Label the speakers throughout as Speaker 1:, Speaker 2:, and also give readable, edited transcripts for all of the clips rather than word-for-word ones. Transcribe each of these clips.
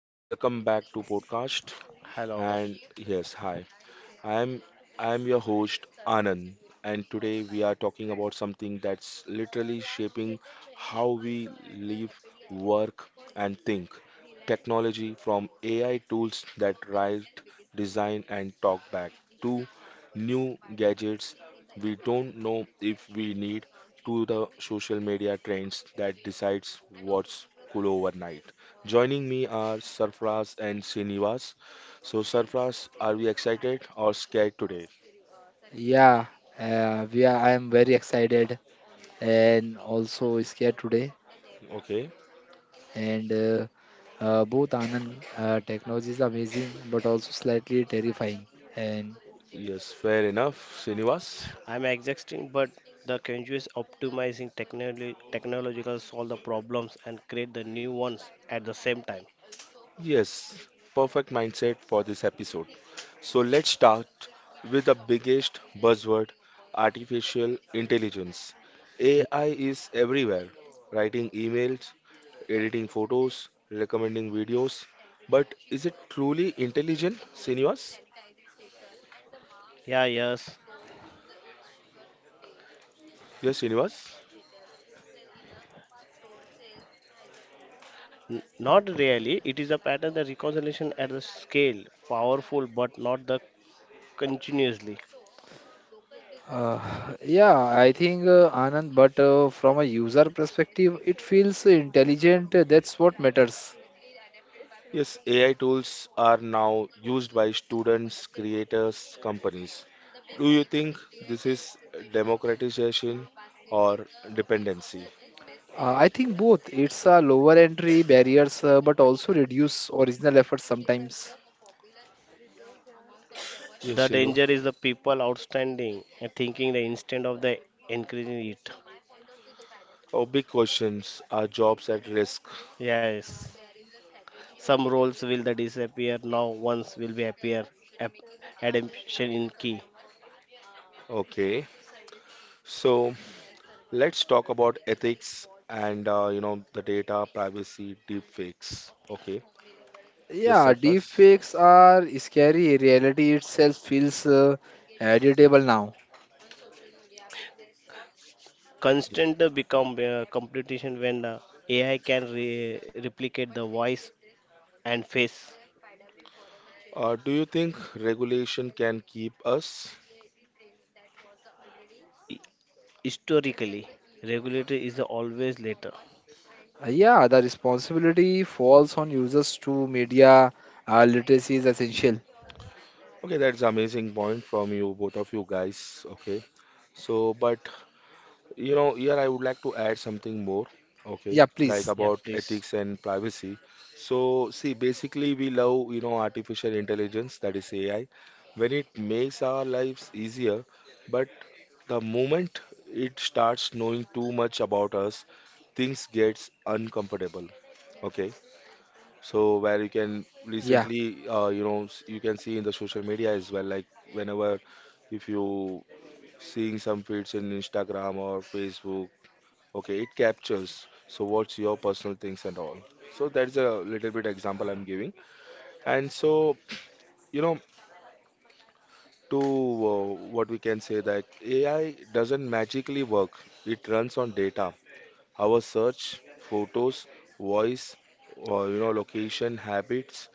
Speaker 1: welcome back to podcast.
Speaker 2: Hello.
Speaker 1: And yes, hi. I'm I'm your host Anand, and today we are talking about something that's literally shaping how we live, work, and think. Technology from AI tools that write, design, and talk back to new gadgets we don't know if we need to the social media trends that decides what's cool overnight. Joining me are Sarfraz and Srinivas, so, Sarfraz, are we excited or scared today?
Speaker 3: Yeah, we are, I am very excited and also scared today.
Speaker 1: Okay,
Speaker 3: And both Anand, technology is amazing, but also slightly terrifying. And
Speaker 1: yes, fair enough, Srinivas.
Speaker 2: I'm exhausting, but the Kenju is optimizing technology, technological solve the problems and create the new ones at the same time.
Speaker 1: Yes, perfect mindset for this episode. So, let's start with the biggest buzzword artificial intelligence. AI is everywhere, writing emails, editing photos, recommending videos. But is it truly intelligent, Srinivas?
Speaker 2: Yeah, yes.
Speaker 1: Yes, Srinivas.
Speaker 2: Not really. It is a pattern that reconciliation at the scale, powerful but not the continuously.
Speaker 3: uh, yeah, I think Anand, but from a user perspective, it feels intelligent. That's what matters.
Speaker 1: Yes, AI tools are now used by students, creators, companies. Do you think this is democratization or dependency?
Speaker 3: I think both. It's a lower entry barriers, but also reduce original effort sometimes.
Speaker 1: Yes,
Speaker 2: The
Speaker 1: Shilu.
Speaker 2: danger is the people outstanding and thinking the instant of the increasing it.
Speaker 1: Oh, big questions. Are jobs at risk?
Speaker 2: Yes. Some roles will the disappear now once will be appear app- adaptation in key.
Speaker 1: Okay. So let's talk about ethics and the data privacy deepfakes. Okay. Yes,
Speaker 3: Yeah,
Speaker 1: Sarfraz.
Speaker 3: deepfakes are scary. Reality itself feels editable now.
Speaker 2: Constant become competition when AI can replicate the voice and face.
Speaker 1: Do you think regulation can keep us?
Speaker 2: Hi- Historically, regulator is the always later.
Speaker 3: Yeah, the responsibility falls on users to media literacy is essential.
Speaker 1: Okay, that's amazing point from you, both of you guys. Okay. So, but you know, here I would like to add something more, okay,
Speaker 3: Yeah,
Speaker 1: like
Speaker 3: please.
Speaker 2: Yeah,
Speaker 1: about
Speaker 2: please.
Speaker 1: ethics and privacy. So, see, basically, we love, artificial intelligence, that is AI, when it makes our lives easier, but the moment it starts knowing too much about us, things gets uncomfortable. Okay, so where you can
Speaker 3: Yeah,
Speaker 1: recently, you can see in the social media as well, like whenever if you seeing some feeds in Instagram or Facebook. Okay, it captures. So what's your personal things and all. So that's a little bit example I'm giving. And so, you know, to what we can say that AI doesn't magically work. It runs on data. Our search, photos, voice, or location, habits.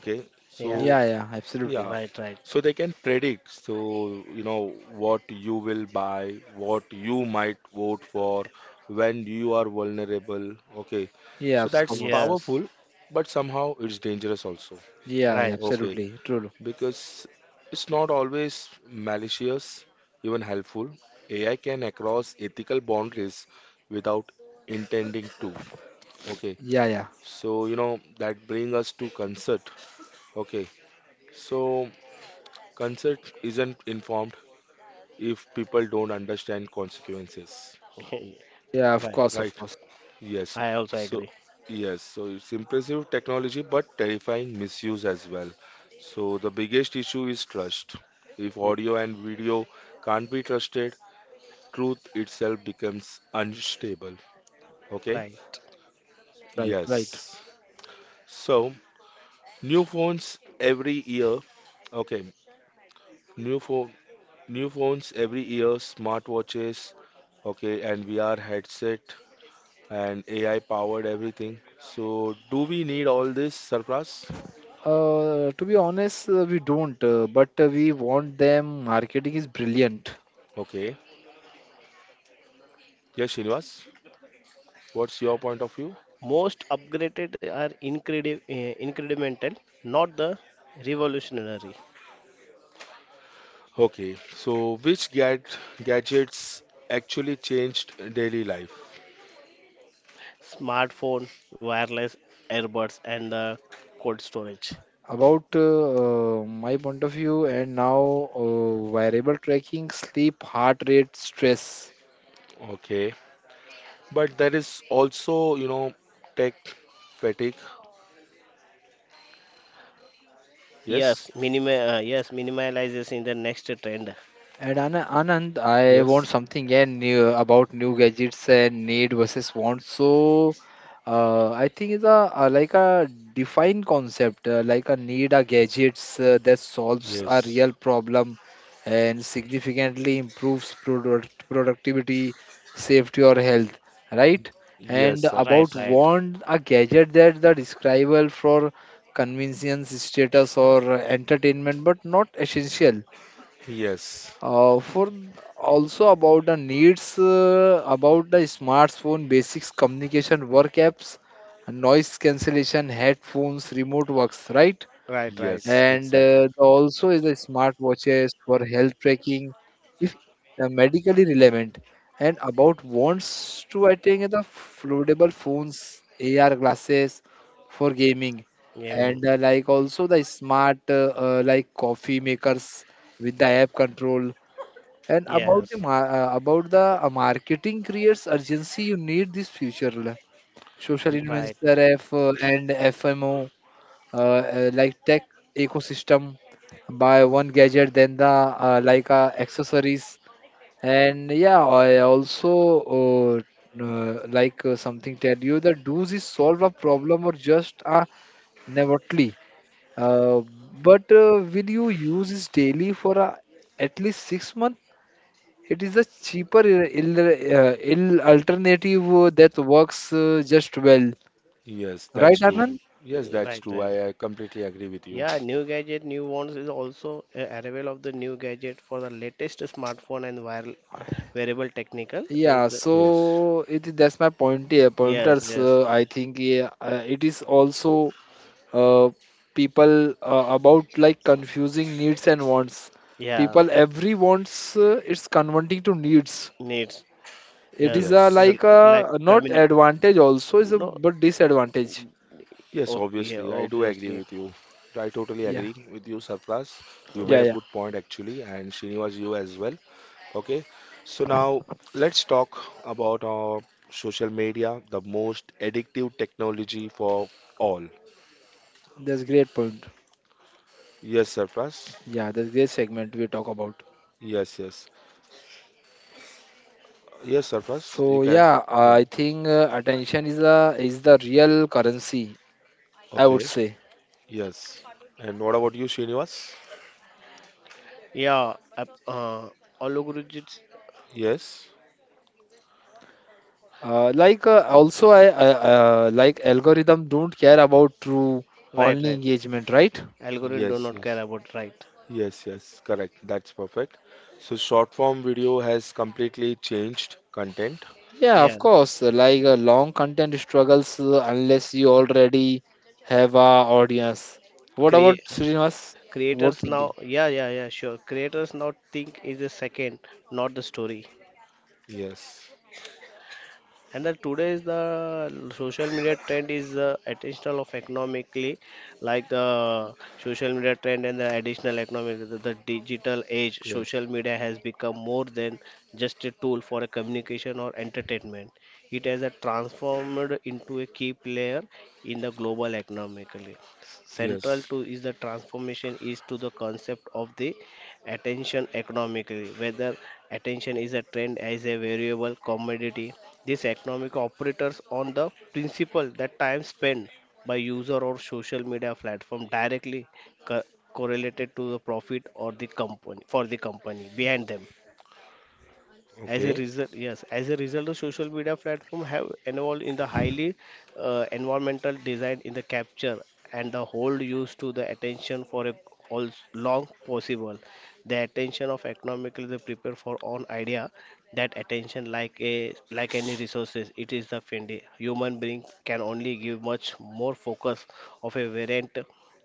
Speaker 1: Okay. So
Speaker 2: Yeah,
Speaker 3: yeah, yeah, absolutely.
Speaker 1: yeah,
Speaker 2: right.
Speaker 1: so they can predict, so you know what you will buy, what you might vote for, when you are vulnerable. Okay,
Speaker 3: Yeah,
Speaker 1: so
Speaker 3: of
Speaker 1: that's
Speaker 3: course.
Speaker 2: Yes,
Speaker 1: powerful, but somehow it's dangerous also.
Speaker 3: Yeah, yeah,
Speaker 2: right,
Speaker 1: Okay,
Speaker 3: absolutely. True.
Speaker 1: because it's not always malicious, even helpful. AI can cross ethical boundaries without intending to. Okay,
Speaker 3: Yeah, yeah,
Speaker 1: so you know that bring us to concert. Okay, so concert isn't informed if people don't understand consequences.
Speaker 3: yeah, of
Speaker 2: right.
Speaker 3: course,
Speaker 1: Right?
Speaker 3: of course.
Speaker 1: Yes.
Speaker 2: I also
Speaker 1: So,
Speaker 2: agree.
Speaker 1: yes. So it's impressive technology, but terrifying misuse as well. So the biggest issue is trust. If audio and video can't be trusted, truth itself becomes unstable. Okay?
Speaker 2: Right.
Speaker 3: Right, right.
Speaker 1: Yes. So new phones every year. Okay. New phone, New phones every year, smartwatches. Okay, and VR headset and AI powered everything. So, do we need all this, Sarfraz?
Speaker 3: To be honest, we don't, but we want them. Marketing is brilliant.
Speaker 1: Okay. Yes, Srinivas, what's your point of view?
Speaker 2: Most upgraded are incremental, not the revolutionary.
Speaker 1: Okay. So, which gad gadgets actually changed daily life?
Speaker 2: Smartphone, wireless earbuds, and the cold storage.
Speaker 3: About my point of view, and now variable tracking, sleep, heart rate, stress.
Speaker 1: Okay. But there is also, you know, tech fatigue. Yes,
Speaker 2: Yes, yes, minimalizes in the next trend.
Speaker 3: And Anand, I want
Speaker 1: yes,
Speaker 3: something new about new gadgets and need versus want. I think it's a defined concept, like a need a gadgets that solves a
Speaker 1: yes,
Speaker 3: real problem and significantly improves productivity, safety, or health, right?
Speaker 1: yes,
Speaker 3: And
Speaker 2: Right,
Speaker 3: about
Speaker 1: Sarfraz.
Speaker 2: right,
Speaker 3: want, a gadget that the describable for convenience, status, or entertainment, but not essential
Speaker 1: Yes,
Speaker 3: for also about the needs about the smartphone basics communication work apps noise cancellation headphones remote works right
Speaker 2: right.
Speaker 1: yes,
Speaker 3: and
Speaker 1: exactly.
Speaker 3: also is the smart watches for health tracking if medically relevant and about wants to I think the foldable phones AR glasses for gaming
Speaker 2: Gaming.
Speaker 3: and like also the smart coffee makers with the app control and about the
Speaker 2: Yes,
Speaker 3: about the marketing creates urgency. You need this social
Speaker 1: Y-
Speaker 2: right,
Speaker 3: influencer F and FMO like tech ecosystem. Buy one gadget, then the accessories, and yeah, I also something tell you that does is solve a problem or just a novelty. Uh, but will you use this daily for at least 6 months? It is a cheaper ill alternative that works just well,
Speaker 1: Yes,
Speaker 3: right,
Speaker 1: that's true.
Speaker 3: Anand?
Speaker 1: Yes,
Speaker 2: eh,
Speaker 1: that's
Speaker 2: right.
Speaker 1: true.
Speaker 2: eh.
Speaker 1: I completely agree with you.
Speaker 2: Yeah, new gadget, new ones is also a arrival of the new gadget for the latest smartphone and wearable technical. There is
Speaker 3: Yeah,
Speaker 2: the
Speaker 1: Yes,
Speaker 3: so it that's my point here.
Speaker 2: yes,
Speaker 3: Pointers,
Speaker 2: yes,
Speaker 3: I think it is also uh, people about like confusing needs and wants.
Speaker 2: yeah.
Speaker 3: People every wants it's converting to needs.
Speaker 2: Needs.
Speaker 3: It
Speaker 2: Yes,
Speaker 3: is a
Speaker 1: yes.
Speaker 2: uh,
Speaker 3: like
Speaker 2: like
Speaker 3: a not
Speaker 2: coming,
Speaker 3: advantage also is a
Speaker 2: no,
Speaker 3: but disadvantage.
Speaker 1: Yes,
Speaker 2: okay, yeah,
Speaker 1: obviously, I do agree
Speaker 2: obviously.
Speaker 1: with you. I totally
Speaker 3: Yeah,
Speaker 1: agree with you, Sarfraz. You
Speaker 2: Hmm.
Speaker 3: yeah,
Speaker 1: made a
Speaker 3: yeah.
Speaker 1: good point actually, and Srinivas, you as well. Okay, so now let's talk about our social media, the most addictive technology for all.
Speaker 3: That's great point.
Speaker 1: Yes, Sarfraz.
Speaker 3: Yeah, the great segment we talk about.
Speaker 1: Yes, yes, yes, Sarfraz. You can. Yeah.
Speaker 3: I think attention is the real currency. I would
Speaker 1: Okay.
Speaker 3: say.
Speaker 1: Yes. And what about you, Srinivas?
Speaker 2: Yeah, algorithms,
Speaker 1: Yes.
Speaker 3: Like also I like algorithm don't care about true
Speaker 2: right,
Speaker 3: only
Speaker 2: right.
Speaker 3: engagement, right?
Speaker 2: Algorithm do
Speaker 1: Yes.
Speaker 2: not care
Speaker 1: Yes.
Speaker 2: about right.
Speaker 1: Yes, yes, correct. That's perfect. So short form video has completely changed content.
Speaker 3: Yeah, of
Speaker 2: Yeah,
Speaker 3: course. Long content struggles unless you already have a audience. What
Speaker 2: create
Speaker 3: about Srinivas? What
Speaker 2: creators now.
Speaker 3: thinking?
Speaker 2: Yeah, sure. Creators now think is the second, not the story.
Speaker 1: Yes,
Speaker 2: And the today's the social media trend is the additional of economically, like the social media trend and the additional economic, the digital age.
Speaker 1: yes,
Speaker 2: Social media has become more than just a tool for a communication or entertainment. It has a transformed into a key player in the global economically. Central
Speaker 1: yes.
Speaker 2: to is the transformation is to the concept of the attention economically, whether attention is a trend as a variable commodity. These economic operators on the principle that time spent by user or social media platform directly co- correlated to the profit or the company, for the company behind them. as a
Speaker 1: Okay.
Speaker 2: result, yes, as a result, the social media platform have involved in the highly environmental design in the capture and the hold used to the attention for a all long possible. The attention of economically they prepare for own idea. That attention like a like any resources, it is the findy. Human being can only give much more focus of a variant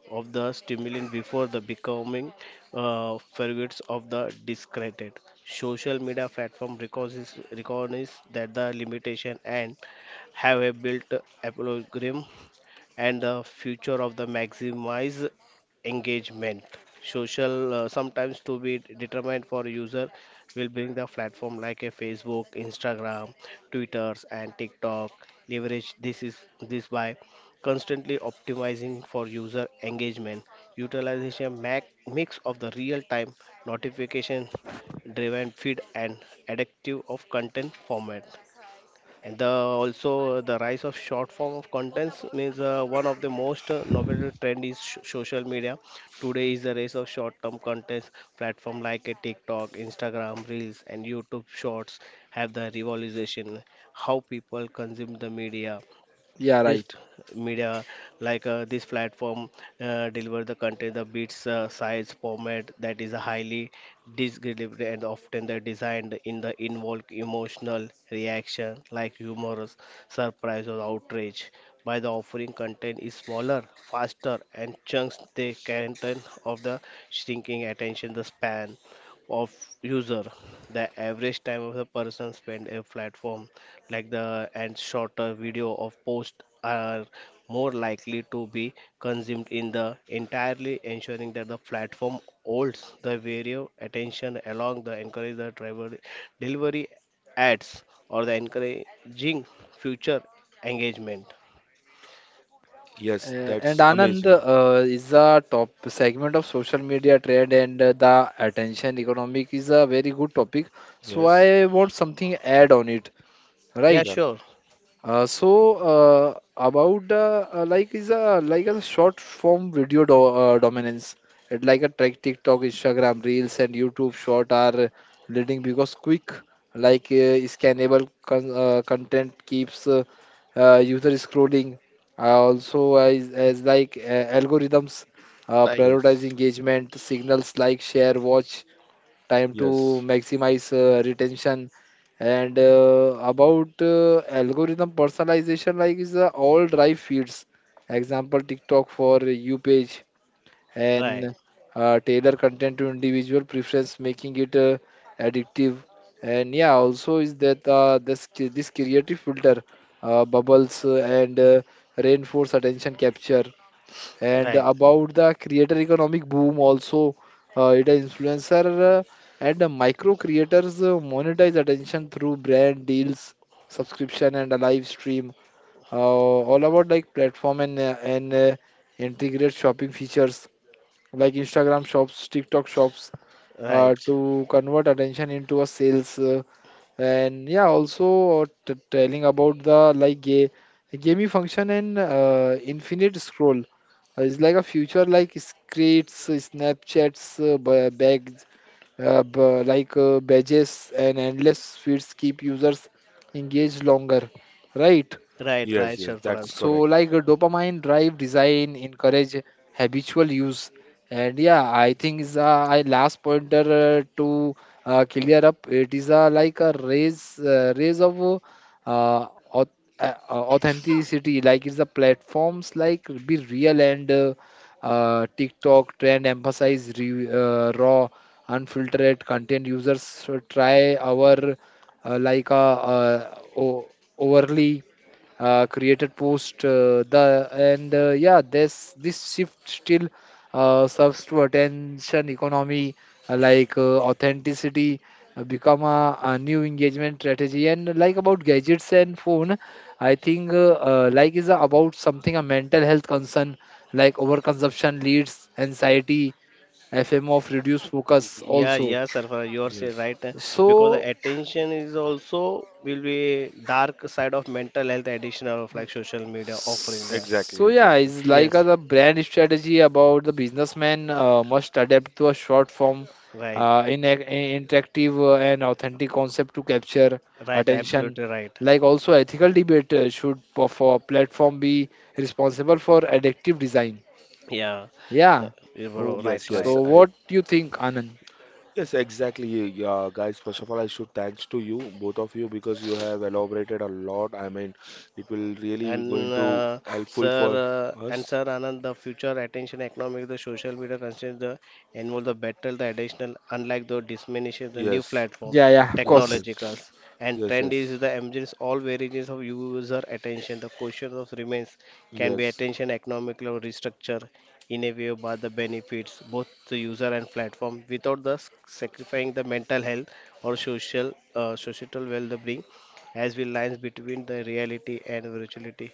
Speaker 2: of the stimulant before the becoming figures of the discredited. Social media platform recognizes that the limitation and have a built apologram and the future of the maximize engagement social sometimes to be determined for user, will bring the platform like a Facebook, Instagram, Twitters, and TikTok. Leverage this is this by constantly optimizing for user engagement, utilization mix of the real time notification driven feed and adaptive of content format. And the also the rise of short form of contents means one of the most novel trend is social media. Today is the rise of short-term contents. Platform like a TikTok, Instagram Reels, and YouTube Shorts have the revolution how people consume the media,
Speaker 3: Yeah,
Speaker 2: this
Speaker 3: right.
Speaker 2: media, like this platform deliver the content the beats size format that is highly disgregated, and often they're designed in the involved emotional reaction like humorous, surprise, or outrage. By the offering content is smaller, faster, and chunks the content of the shrinking attention, the span of user, the average time of the person spend a platform like the, and shorter video of posts are more likely to be consumed in the entirely, ensuring that the platform holds the video attention along the encourage the driver delivery ads or the encouraging future engagement.
Speaker 1: Yes,
Speaker 3: And
Speaker 1: that's
Speaker 3: Anand
Speaker 1: amazing.
Speaker 3: is a top segment of social media trend and the attention economic is a very good topic. So
Speaker 1: Yes,
Speaker 3: I want something add on it,
Speaker 2: Yeah,
Speaker 3: right?
Speaker 1: yeah,
Speaker 2: sure.
Speaker 3: So about like is a like a short form video do dominance. It like a track TikTok, Instagram Reels, and YouTube Short are leading because quick scannable content keeps user scrolling. Also as like algorithms
Speaker 2: Right.
Speaker 3: prioritize
Speaker 1: yes,
Speaker 3: engagement signals like share, watch, time to
Speaker 1: yes,
Speaker 3: maximize retention and about algorithm personalization like is all drive feeds example TikTok for you page
Speaker 2: right
Speaker 3: and tailor content to individual preference making it addictive and yeah also is that this creative filter bubbles and reinforce attention capture and
Speaker 2: right
Speaker 3: about the creator economic boom also, it is influencer and micro creators monetize attention through brand deals, subscription and a live stream. All about like platform and integrate shopping features like Instagram shops, TikTok shops
Speaker 2: right
Speaker 3: to convert attention into a sales. And yeah also t- telling about the like gaming function and infinite scroll it's like a future like screens, Snapchats, ba- bags, ba- like badges, and endless feeds keep users engaged longer, right?
Speaker 2: right right
Speaker 1: yes, yes.
Speaker 2: sure for
Speaker 1: That's
Speaker 2: us.
Speaker 3: So
Speaker 1: correct.
Speaker 3: like a dopamine drive design encourage habitual use and yeah I think is I last pointer to clear up it is like a raise raise of uh, auth- authenticity like it's the platforms like be real and TikTok trend emphasize raw unfiltered content users should try our uh, like uh, uh, o- overly created post the and yeah this shift still serves to attention economy authenticity become a new engagement strategy and like about gadgets and phone I think like is about something a mental health concern like overconsumption leads anxiety FMO of reduced focus
Speaker 2: Yeah,
Speaker 3: also
Speaker 2: yeah, Sarfara, you are say
Speaker 1: Yes,
Speaker 2: right, because the
Speaker 3: so.
Speaker 2: attention is also will be dark side of mental health addiction of like social media offering the
Speaker 1: exactly,
Speaker 3: So yeah,
Speaker 1: exactly.
Speaker 3: it's like a,
Speaker 2: yes,
Speaker 3: the brand strategy about the businessman must adapt to a short form,
Speaker 2: right,
Speaker 3: in interactive and authentic concept to capture
Speaker 2: right,
Speaker 3: attention.
Speaker 2: absolutely right.
Speaker 3: Like also ethical debate for platform be responsible for adaptive design.
Speaker 2: Yeah,
Speaker 3: Yeah.
Speaker 2: the,
Speaker 3: Oh,
Speaker 2: you're right,
Speaker 1: Yes,
Speaker 2: right.
Speaker 1: yes.
Speaker 3: so what do you think, Anand?
Speaker 1: Exactly. Yeah, guys. First of all, I should thanks to you, both of you, because you have elaborated a lot. I mean, it will really
Speaker 2: And
Speaker 1: going to helpful for
Speaker 2: sir,
Speaker 1: us.
Speaker 2: and sir Anand, the future attention economic, the social media constraints, the involve the battle, the additional, unlike the diminishes the new
Speaker 1: Yes,
Speaker 2: platform,
Speaker 3: Yeah, yeah, of
Speaker 1: yes,
Speaker 3: course.
Speaker 1: yes.
Speaker 2: technologicals, and
Speaker 1: Yes,
Speaker 2: trend
Speaker 1: yes,
Speaker 2: is the emergence all variations of user attention. The question of remains can be
Speaker 1: yes,
Speaker 2: attention economically or restructure in a way by the benefits both the user and platform without thus sacrificing the mental health or social societal well-being, as the lines between the reality and virtuality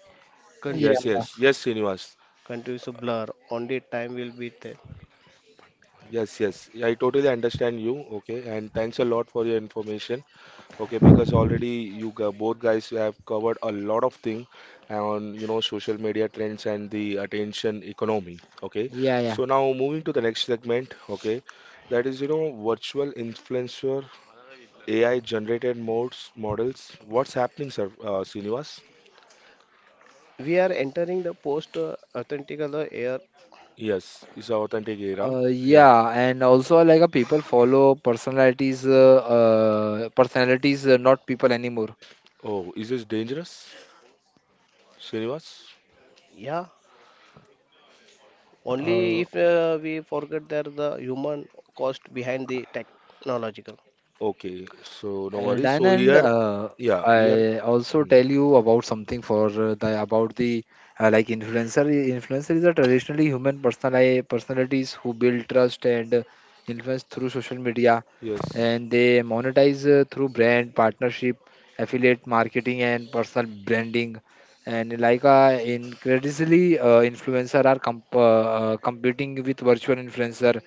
Speaker 3: Yeah,
Speaker 1: yes,
Speaker 2: continues
Speaker 1: yes, yes, Srinivas.
Speaker 2: continues to blur. Only time will be there.
Speaker 1: Yes, yes, I totally understand you. Okay, and thanks a lot for your information. Okay, because already both guys have covered a lot of thing on you know social media trends and the attention economy. Okay,
Speaker 3: yeah, yeah.
Speaker 1: so now moving to the next segment. Okay, that is you know virtual influencer AI generated modes models. What's happening, sir, Srinivas?
Speaker 2: We are entering the post authentic era.
Speaker 1: Yes, it's an authentic era. Yeah.
Speaker 3: Yeah, and also like a people follow personalities, personalities, not people anymore.
Speaker 1: Oh, is this dangerous? Srinivas?
Speaker 2: Yeah, only
Speaker 3: Uh,
Speaker 2: if we forget that the human cost behind the technological.
Speaker 1: Okay, so no worries. So
Speaker 3: And
Speaker 1: here, yeah, here,
Speaker 3: I also
Speaker 1: hmm,
Speaker 3: tell you about something for the about the like influencer. Influencers are traditionally human personalities who build trust and influence through social media,
Speaker 1: yes,
Speaker 3: and they monetize through brand partnership, affiliate marketing, and personal branding. And like increasingly, influencer are competing with virtual influencer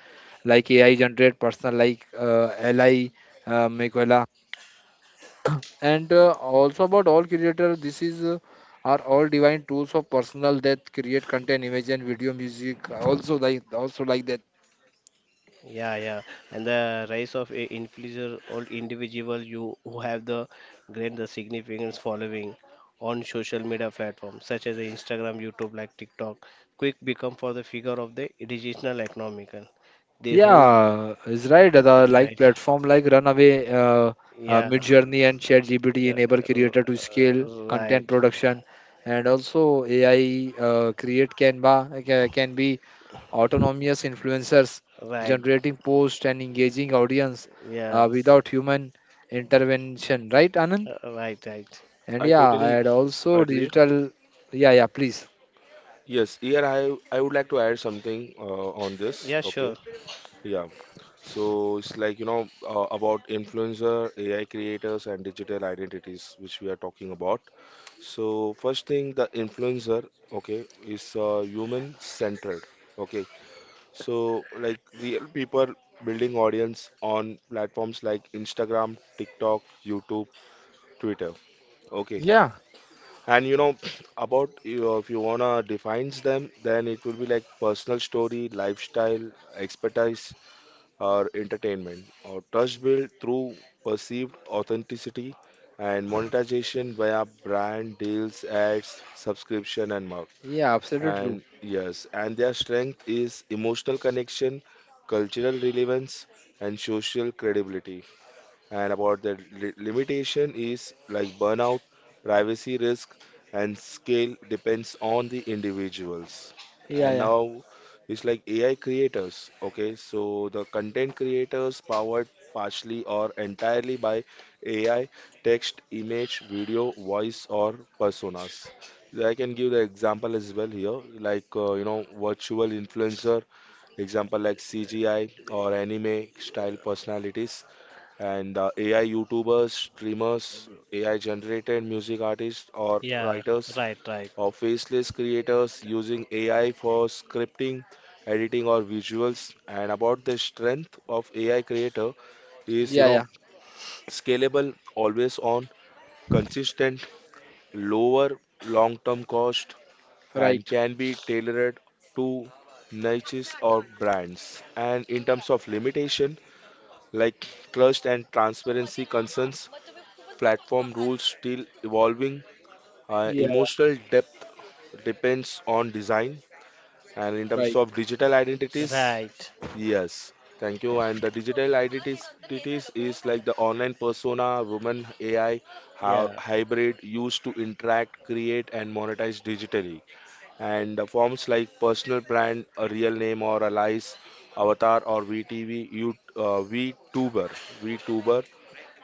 Speaker 3: like AI generate personal like Li uh, and also about all creators, this is are all divine tools of personal that create content, image, and video, music. Also like that.
Speaker 2: Yeah, and the rise of influencer or individual you who have the great the significance following on social media platforms such as the Instagram, YouTube, like TikTok, quick become for the figure of the digital economical. They hold
Speaker 3: Yeah, it's right. The like
Speaker 2: right,
Speaker 3: platform like Runaway,
Speaker 2: yeah,
Speaker 3: Midjourney, and ChatGPT
Speaker 2: yeah,
Speaker 3: enable
Speaker 2: r-
Speaker 3: creator to scale
Speaker 2: right,
Speaker 3: content production, and also AI create Canva can be autonomous influencers,
Speaker 2: right,
Speaker 3: generating post and engaging audience
Speaker 2: yeah,
Speaker 3: without human intervention. Right, Anand?
Speaker 2: right, right,
Speaker 3: And
Speaker 1: I
Speaker 3: yeah,
Speaker 1: totally
Speaker 3: and also
Speaker 1: agree.
Speaker 3: digital. Yeah, yeah, please.
Speaker 1: Yes, here I would like to add something on this.
Speaker 2: yeah,
Speaker 1: Okay,
Speaker 2: sure,
Speaker 1: yeah. So it's like you know about influencer, AI creators, and digital identities, which we are talking about. So first thing, the influencer, okay, is human centered. Okay, so, like real people building audience on platforms like Instagram, TikTok, YouTube, Twitter. Okay.
Speaker 3: Yeah,
Speaker 1: And you know about if you wanna defines them, then it will be like personal story, lifestyle, expertise, or entertainment, or trust built through perceived authenticity and monetization via brand deals, ads, subscription, and more.
Speaker 3: yeah, absolutely true.
Speaker 1: And yes, and their strength is emotional connection, cultural relevance, and social credibility and about the limitation is like burnout, privacy risk, and scale depends on the individuals.
Speaker 3: Yeah,
Speaker 1: And
Speaker 3: yeah,
Speaker 1: now it's like AI creators. Okay, so the content creators powered partially or entirely by AI, text, image, video, voice, or personas. So, I can give the example as well here, like virtual influencer example like CGI or anime style personalities and AI YouTubers, streamers, AI generated music artists or
Speaker 2: yeah,
Speaker 1: writers,
Speaker 2: right,
Speaker 1: or faceless creators using AI for scripting, editing, or visuals. And about the strength of AI creator is you
Speaker 3: yeah,
Speaker 1: know
Speaker 3: yeah,
Speaker 1: scalable, always on, consistent, lower long-term cost, and
Speaker 3: right.
Speaker 1: can be tailored to niches or brands. And in terms of limitation, like trust and transparency concerns platform rules still evolving.
Speaker 3: Yeah.
Speaker 1: Emotional depth depends on design, and in terms
Speaker 3: Right.
Speaker 1: of digital identities,
Speaker 2: right,
Speaker 1: yes. Thank you. And the digital identities identities is like the online persona, woman, AI, how
Speaker 2: yeah,
Speaker 1: hybrid used to interact, create, and monetize digitally. And the forms like personal brand, a real name or a lies, avatar or VTuber.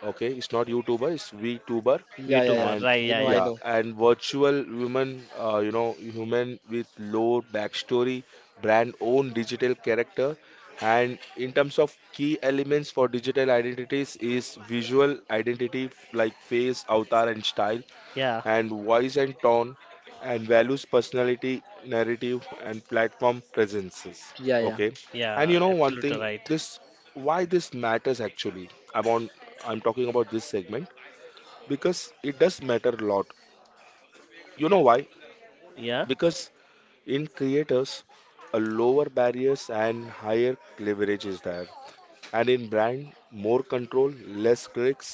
Speaker 1: Okay, it's not YouTuber, it's VTuber,
Speaker 3: Yeah, yeah, yeah.
Speaker 2: YouTuber,
Speaker 1: and
Speaker 2: right,
Speaker 3: I
Speaker 2: yeah,
Speaker 3: know, I
Speaker 2: yeah.
Speaker 1: yeah,
Speaker 3: know.
Speaker 1: and virtual women, human with low backstory, brand own digital character, and in terms of key elements for digital identities is visual identity like face, avatar, and style,
Speaker 2: Yeah,
Speaker 1: and voice and tone and values personality narrative and platform presences.
Speaker 3: Yeah, yeah.
Speaker 1: Okay, and
Speaker 2: yeah,
Speaker 1: you know one thing,
Speaker 2: absolutely right.
Speaker 1: this why this matters actually, i'm on I'm talking about this segment because it does matter a lot. You know why?
Speaker 2: Yeah,
Speaker 1: Because in creators a lower barriers and higher leverage is there, and in brand more control, less clicks,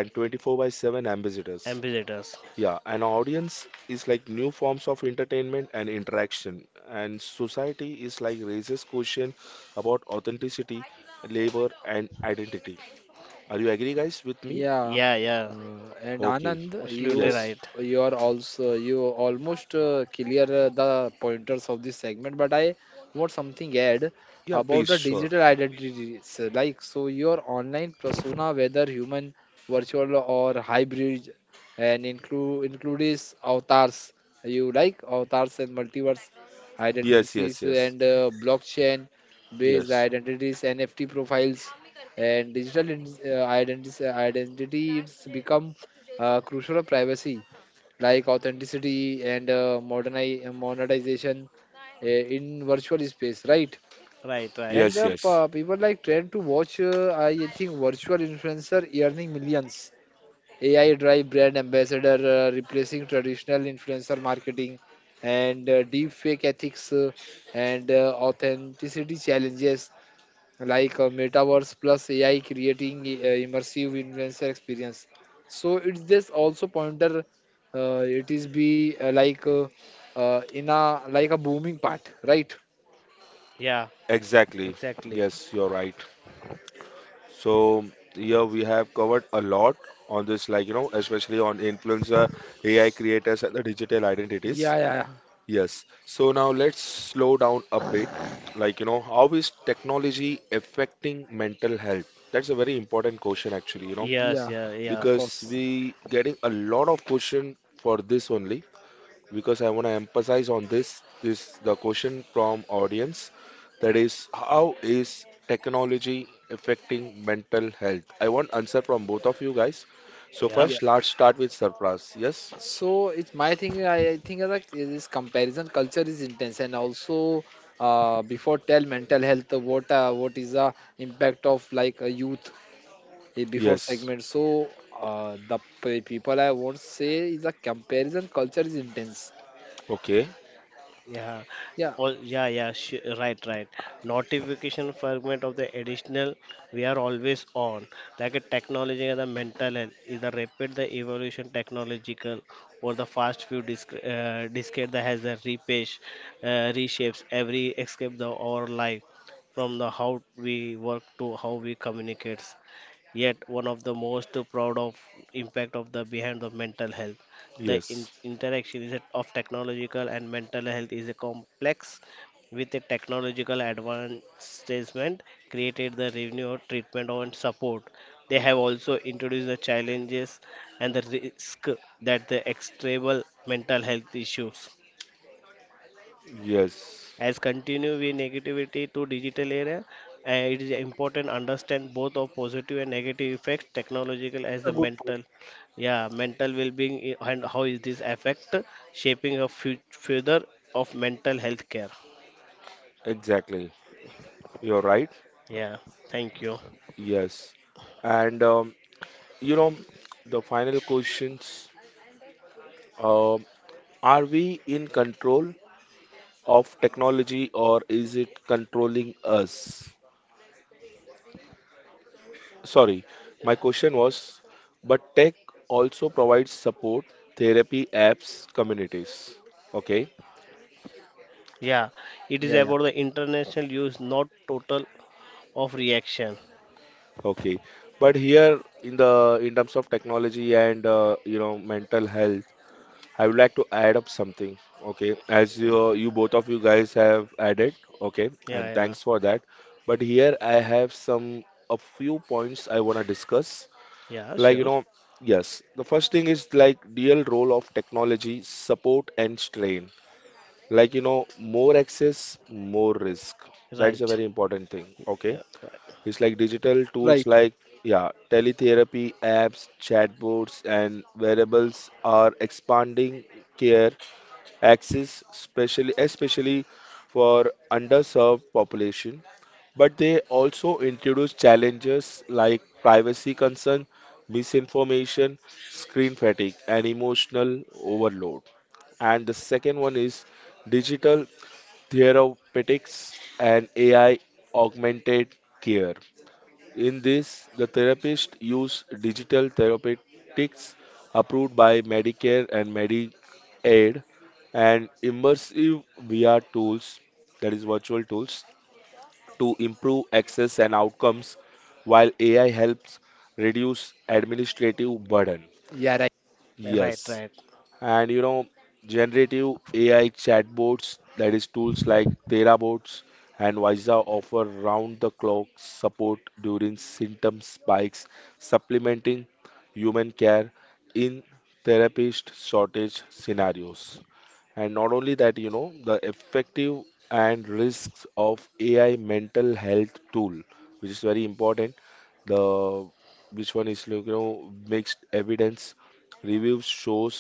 Speaker 1: and 24 by 7 ambassadors.
Speaker 2: ambassadors.
Speaker 1: Yeah, an audience is like new forms of entertainment and interaction, and society is like raises question about authenticity, labor, and identity. Are you agree, guys, with me?
Speaker 2: Y-
Speaker 3: Yeah,
Speaker 2: Yeah, yeah,
Speaker 3: and
Speaker 1: Okay.
Speaker 3: Anand,
Speaker 2: absolutely
Speaker 3: you
Speaker 1: Yes.
Speaker 2: right.
Speaker 3: are also you almost clear the pointers of this segment, but I want something add
Speaker 1: Yeah,
Speaker 3: about
Speaker 1: please.
Speaker 3: the
Speaker 1: Sure.
Speaker 3: digital identities. Like so, your online persona, whether human, virtual, or hybrid, and includes avatars. You like avatars and multiverse
Speaker 1: Yes. Yes.
Speaker 3: identities
Speaker 1: Yes.
Speaker 3: and blockchain based
Speaker 1: Yes.
Speaker 3: identities, NFT profiles and digital identity it's become crucial of privacy like authenticity and monetization uh, in virtual space right
Speaker 2: Right.
Speaker 3: and
Speaker 1: Yes.
Speaker 3: the
Speaker 1: Yes.
Speaker 3: people like trend to watch I think virtual influencer earning millions AI drive brand ambassador replacing traditional influencer marketing and deep fake ethics and authenticity challenges like metaverse plus AI creating immersive influencer experience. So it's this also pointer. It is be like in a like a booming part, right?
Speaker 2: Yeah,
Speaker 1: Exactly.
Speaker 2: exactly.
Speaker 1: Yes, you're right. So here we have covered a lot on this, like you know, especially on influencer, AI creators, and the digital identities.
Speaker 3: Yeah, yeah, yeah.
Speaker 1: Yes. So now let's slow down a bit. Like, you know, how is technology affecting mental health? That's a very important question
Speaker 2: Y-
Speaker 1: actually, you know,
Speaker 2: Yes,
Speaker 3: Yeah,
Speaker 2: yeah, yeah,
Speaker 3: of
Speaker 1: because
Speaker 3: course.
Speaker 1: we getting a lot of question for this only because I want to emphasize on this this the question from audience, that is how is technology affecting mental health? I want answer from both of you guys. So
Speaker 2: yeah.
Speaker 3: Yeah.
Speaker 1: first, let's start with Sarfraz. Yes?
Speaker 3: So it's my thing. I think that this comparison culture is intense, and also before tell mental health. What is the impact of like a youth? Eh, before
Speaker 1: Yes.
Speaker 3: segment. So people I won't say is a comparison culture is intense.
Speaker 1: Okay.
Speaker 2: Yeah,
Speaker 3: Yeah,
Speaker 2: all yeah, right, right. Notification fragment of the additional, we are always on. Like a technology and the mental health is the rapid the evolution technological or the fast few discade that has a repage reshapes every escape the our life from the how we work to how we communicates. Yet one of the most proud of impact of the behind the mental health. The
Speaker 1: Yes.
Speaker 2: interaction is of technological and mental health is a complex with a technological advancement, created the revenue treatment and support. They have also introduced the challenges and the risk that the extreme mental health issues
Speaker 1: Yes.
Speaker 2: as continue with negativity to digital era, it is important understand both of positive and negative effects technological as
Speaker 3: a
Speaker 2: the
Speaker 3: good point.
Speaker 2: mental. Yeah, mental well-being and how is this affect shaping a future of mental health care.
Speaker 1: Exactly. You're right.
Speaker 2: Yeah, thank you.
Speaker 1: Yes. And you know, the final questions, um, are we in control of technology or is it controlling us? Sorry, my question was, but tech also provides support, therapy, apps, communities. Okay.
Speaker 2: Yeah, it is
Speaker 3: Yeah, yeah,
Speaker 2: about the international use, not total of reaction.
Speaker 1: Okay. But here in the in terms of technology and mental health, I would like to add up something, okay? As
Speaker 2: Mm.
Speaker 1: you both of you guys have added, okay?
Speaker 2: Yeah,
Speaker 1: And
Speaker 2: yeah,
Speaker 1: thanks for that. But here I have some a few points I want to discuss.
Speaker 2: yeah,
Speaker 1: Like, you
Speaker 2: sure.
Speaker 1: know, yes, the first thing is like real role of technology, support and strain. Like, you know, more access, more risk. That is a
Speaker 2: Right.
Speaker 1: very important thing, okay?
Speaker 2: Yeah, right,
Speaker 1: It's like digital
Speaker 3: right,
Speaker 1: tools
Speaker 3: right.
Speaker 1: like yeah, teletherapy apps, chatbots, and wearables are expanding care access, especially for underserved population. But they also introduce challenges like privacy concern, misinformation, screen fatigue, and emotional overload. And the second one is digital therapeutics and AI augmented care. In this, the therapist use digital therapeutics approved by Medicare and Medicaid and immersive VR tools, that is virtual tools, to improve access and outcomes while AI helps reduce administrative burden.
Speaker 3: Yeah, right.
Speaker 2: right,
Speaker 1: Yes,
Speaker 2: right.
Speaker 1: and you know generative AI chatbots, that is tools like therabots and Visa, offer round the clock support during symptom spikes, supplementing human care in therapist shortage scenarios. And not only that, you know, the effective and risks of AI mental health tool, which is very important. The which one is like, you know, mixed evidence reviews shows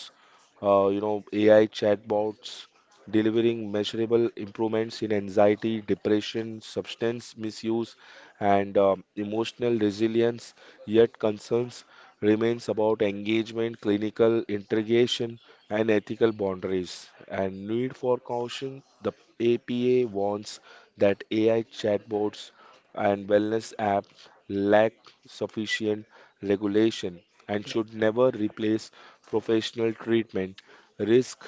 Speaker 1: AI chatbots delivering measurable improvements in anxiety, depression, substance misuse, and emotional resilience. Yet concerns remains about engagement, clinical integration, and ethical boundaries and need for caution. The APA warns that AI chatbots and wellness apps lack sufficient regulation and should never replace professional treatment. Risks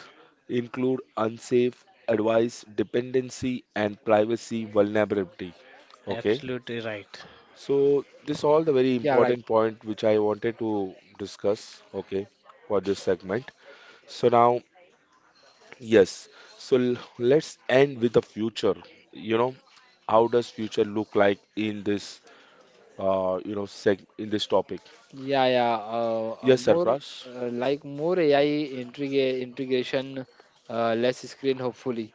Speaker 1: include unsafe advice, dependency, and privacy vulnerability. Okay,
Speaker 2: Absolutely right.
Speaker 1: so this all the very
Speaker 3: Yeah, right.
Speaker 1: important point which I wanted to discuss. Okay, for this segment. So now yes. So let's end with the future. You know, how does future look like in this you know seg in this topic?
Speaker 3: Yeah, yeah.
Speaker 1: Yes, Sarfraz.
Speaker 3: More AI integration, less screen. Hopefully.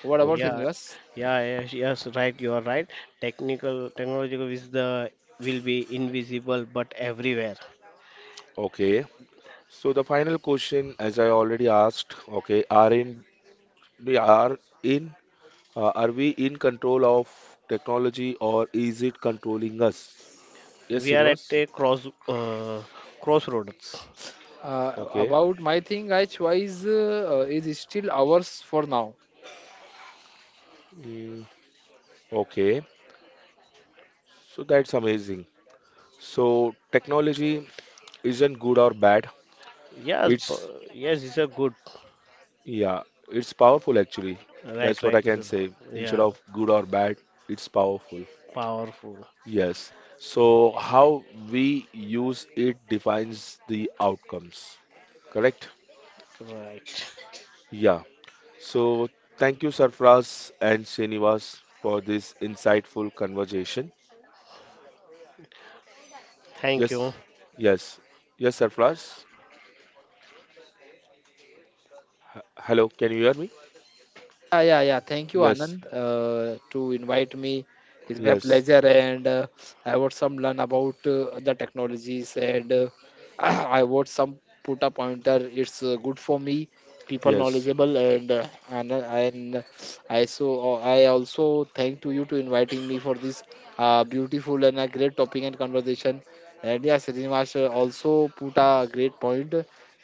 Speaker 3: What about
Speaker 1: Okay.
Speaker 2: Yeah,
Speaker 3: Srinivas?
Speaker 2: yeah, yes, right. You are right. Technical technological is the will be invisible but everywhere.
Speaker 1: Okay. So the final question, as I already asked, okay, are in we are in are we in control of technology or is it controlling us? Yes,
Speaker 2: We are at
Speaker 1: Srinivas.
Speaker 2: a crossroads.
Speaker 1: Okay.
Speaker 3: About my thing, I choice is still ours for now.
Speaker 1: Mm, okay. So that's amazing. So technology isn't good or bad.
Speaker 2: Yes,
Speaker 1: It's
Speaker 2: p- yes, it's a good.
Speaker 1: yeah, it's powerful actually.
Speaker 2: Right,
Speaker 1: That's what I
Speaker 2: right. It's
Speaker 1: can
Speaker 2: a,
Speaker 1: say. Instead
Speaker 2: yeah,
Speaker 1: of good or bad, it's powerful.
Speaker 2: powerful.
Speaker 1: Yes. So how we use it defines the outcomes. Correct?
Speaker 2: Right.
Speaker 1: Yeah. So thank you, Sarfraz and Srinivas, for this insightful conversation.
Speaker 2: Thank
Speaker 1: Yes.
Speaker 2: you.
Speaker 1: Yes. Yes, Sarfraz. Hello, can you hear me?
Speaker 3: Yeah, yeah, yeah. Thank you,
Speaker 1: Yes.
Speaker 3: Anand, to invite me. It's my
Speaker 1: Yes.
Speaker 3: pleasure, and I would some learn about the technologies, and I would some put a pointer. It's good for me, people
Speaker 1: Yes.
Speaker 3: knowledgeable, and I I also thank to you to inviting me for this beautiful and a great topic and conversation. And yeah, Srinivas also put a great point,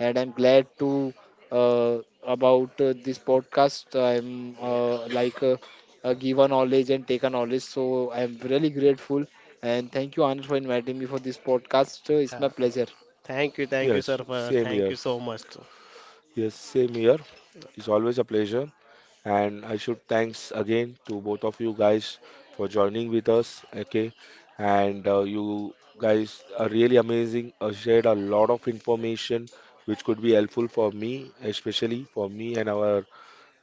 Speaker 3: and I'm glad to about this podcast. I'm
Speaker 2: Yeah.
Speaker 3: like give a knowledge and take a knowledge. So I'm really grateful and thank you Anand for inviting me for this podcast. It's my
Speaker 2: Yeah.
Speaker 3: pleasure.
Speaker 2: Thank you, sir.
Speaker 1: Yes.
Speaker 2: For,
Speaker 1: Same
Speaker 2: thank
Speaker 1: here.
Speaker 2: you so much. Too.
Speaker 1: Yes, same here. It's always a pleasure. And I should thanks again to both of you guys for joining with us. Okay, and you guys are really amazing. Shared a lot of information which could be helpful for me, especially for me and our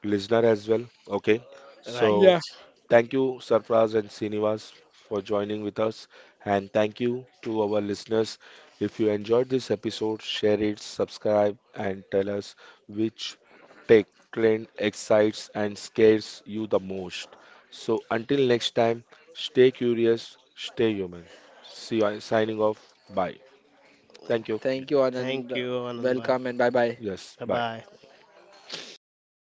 Speaker 1: listener as well. Okay,
Speaker 2: Right.
Speaker 1: so
Speaker 3: Yeah.
Speaker 1: thank you, Sarfraz and Srinivas, for joining with us. And thank you to our listeners. If you enjoyed this episode, share it, subscribe, and tell us which tech trend excites and scares you the most. So until next time, stay curious, stay human. See you. Signing off. Bye. Thank you.
Speaker 2: Okay.
Speaker 3: Thank you Anand.
Speaker 2: Thank you, Anand.
Speaker 3: Welcome and
Speaker 2: Bye
Speaker 3: bye bye.
Speaker 1: Yes. Bye.
Speaker 2: bye.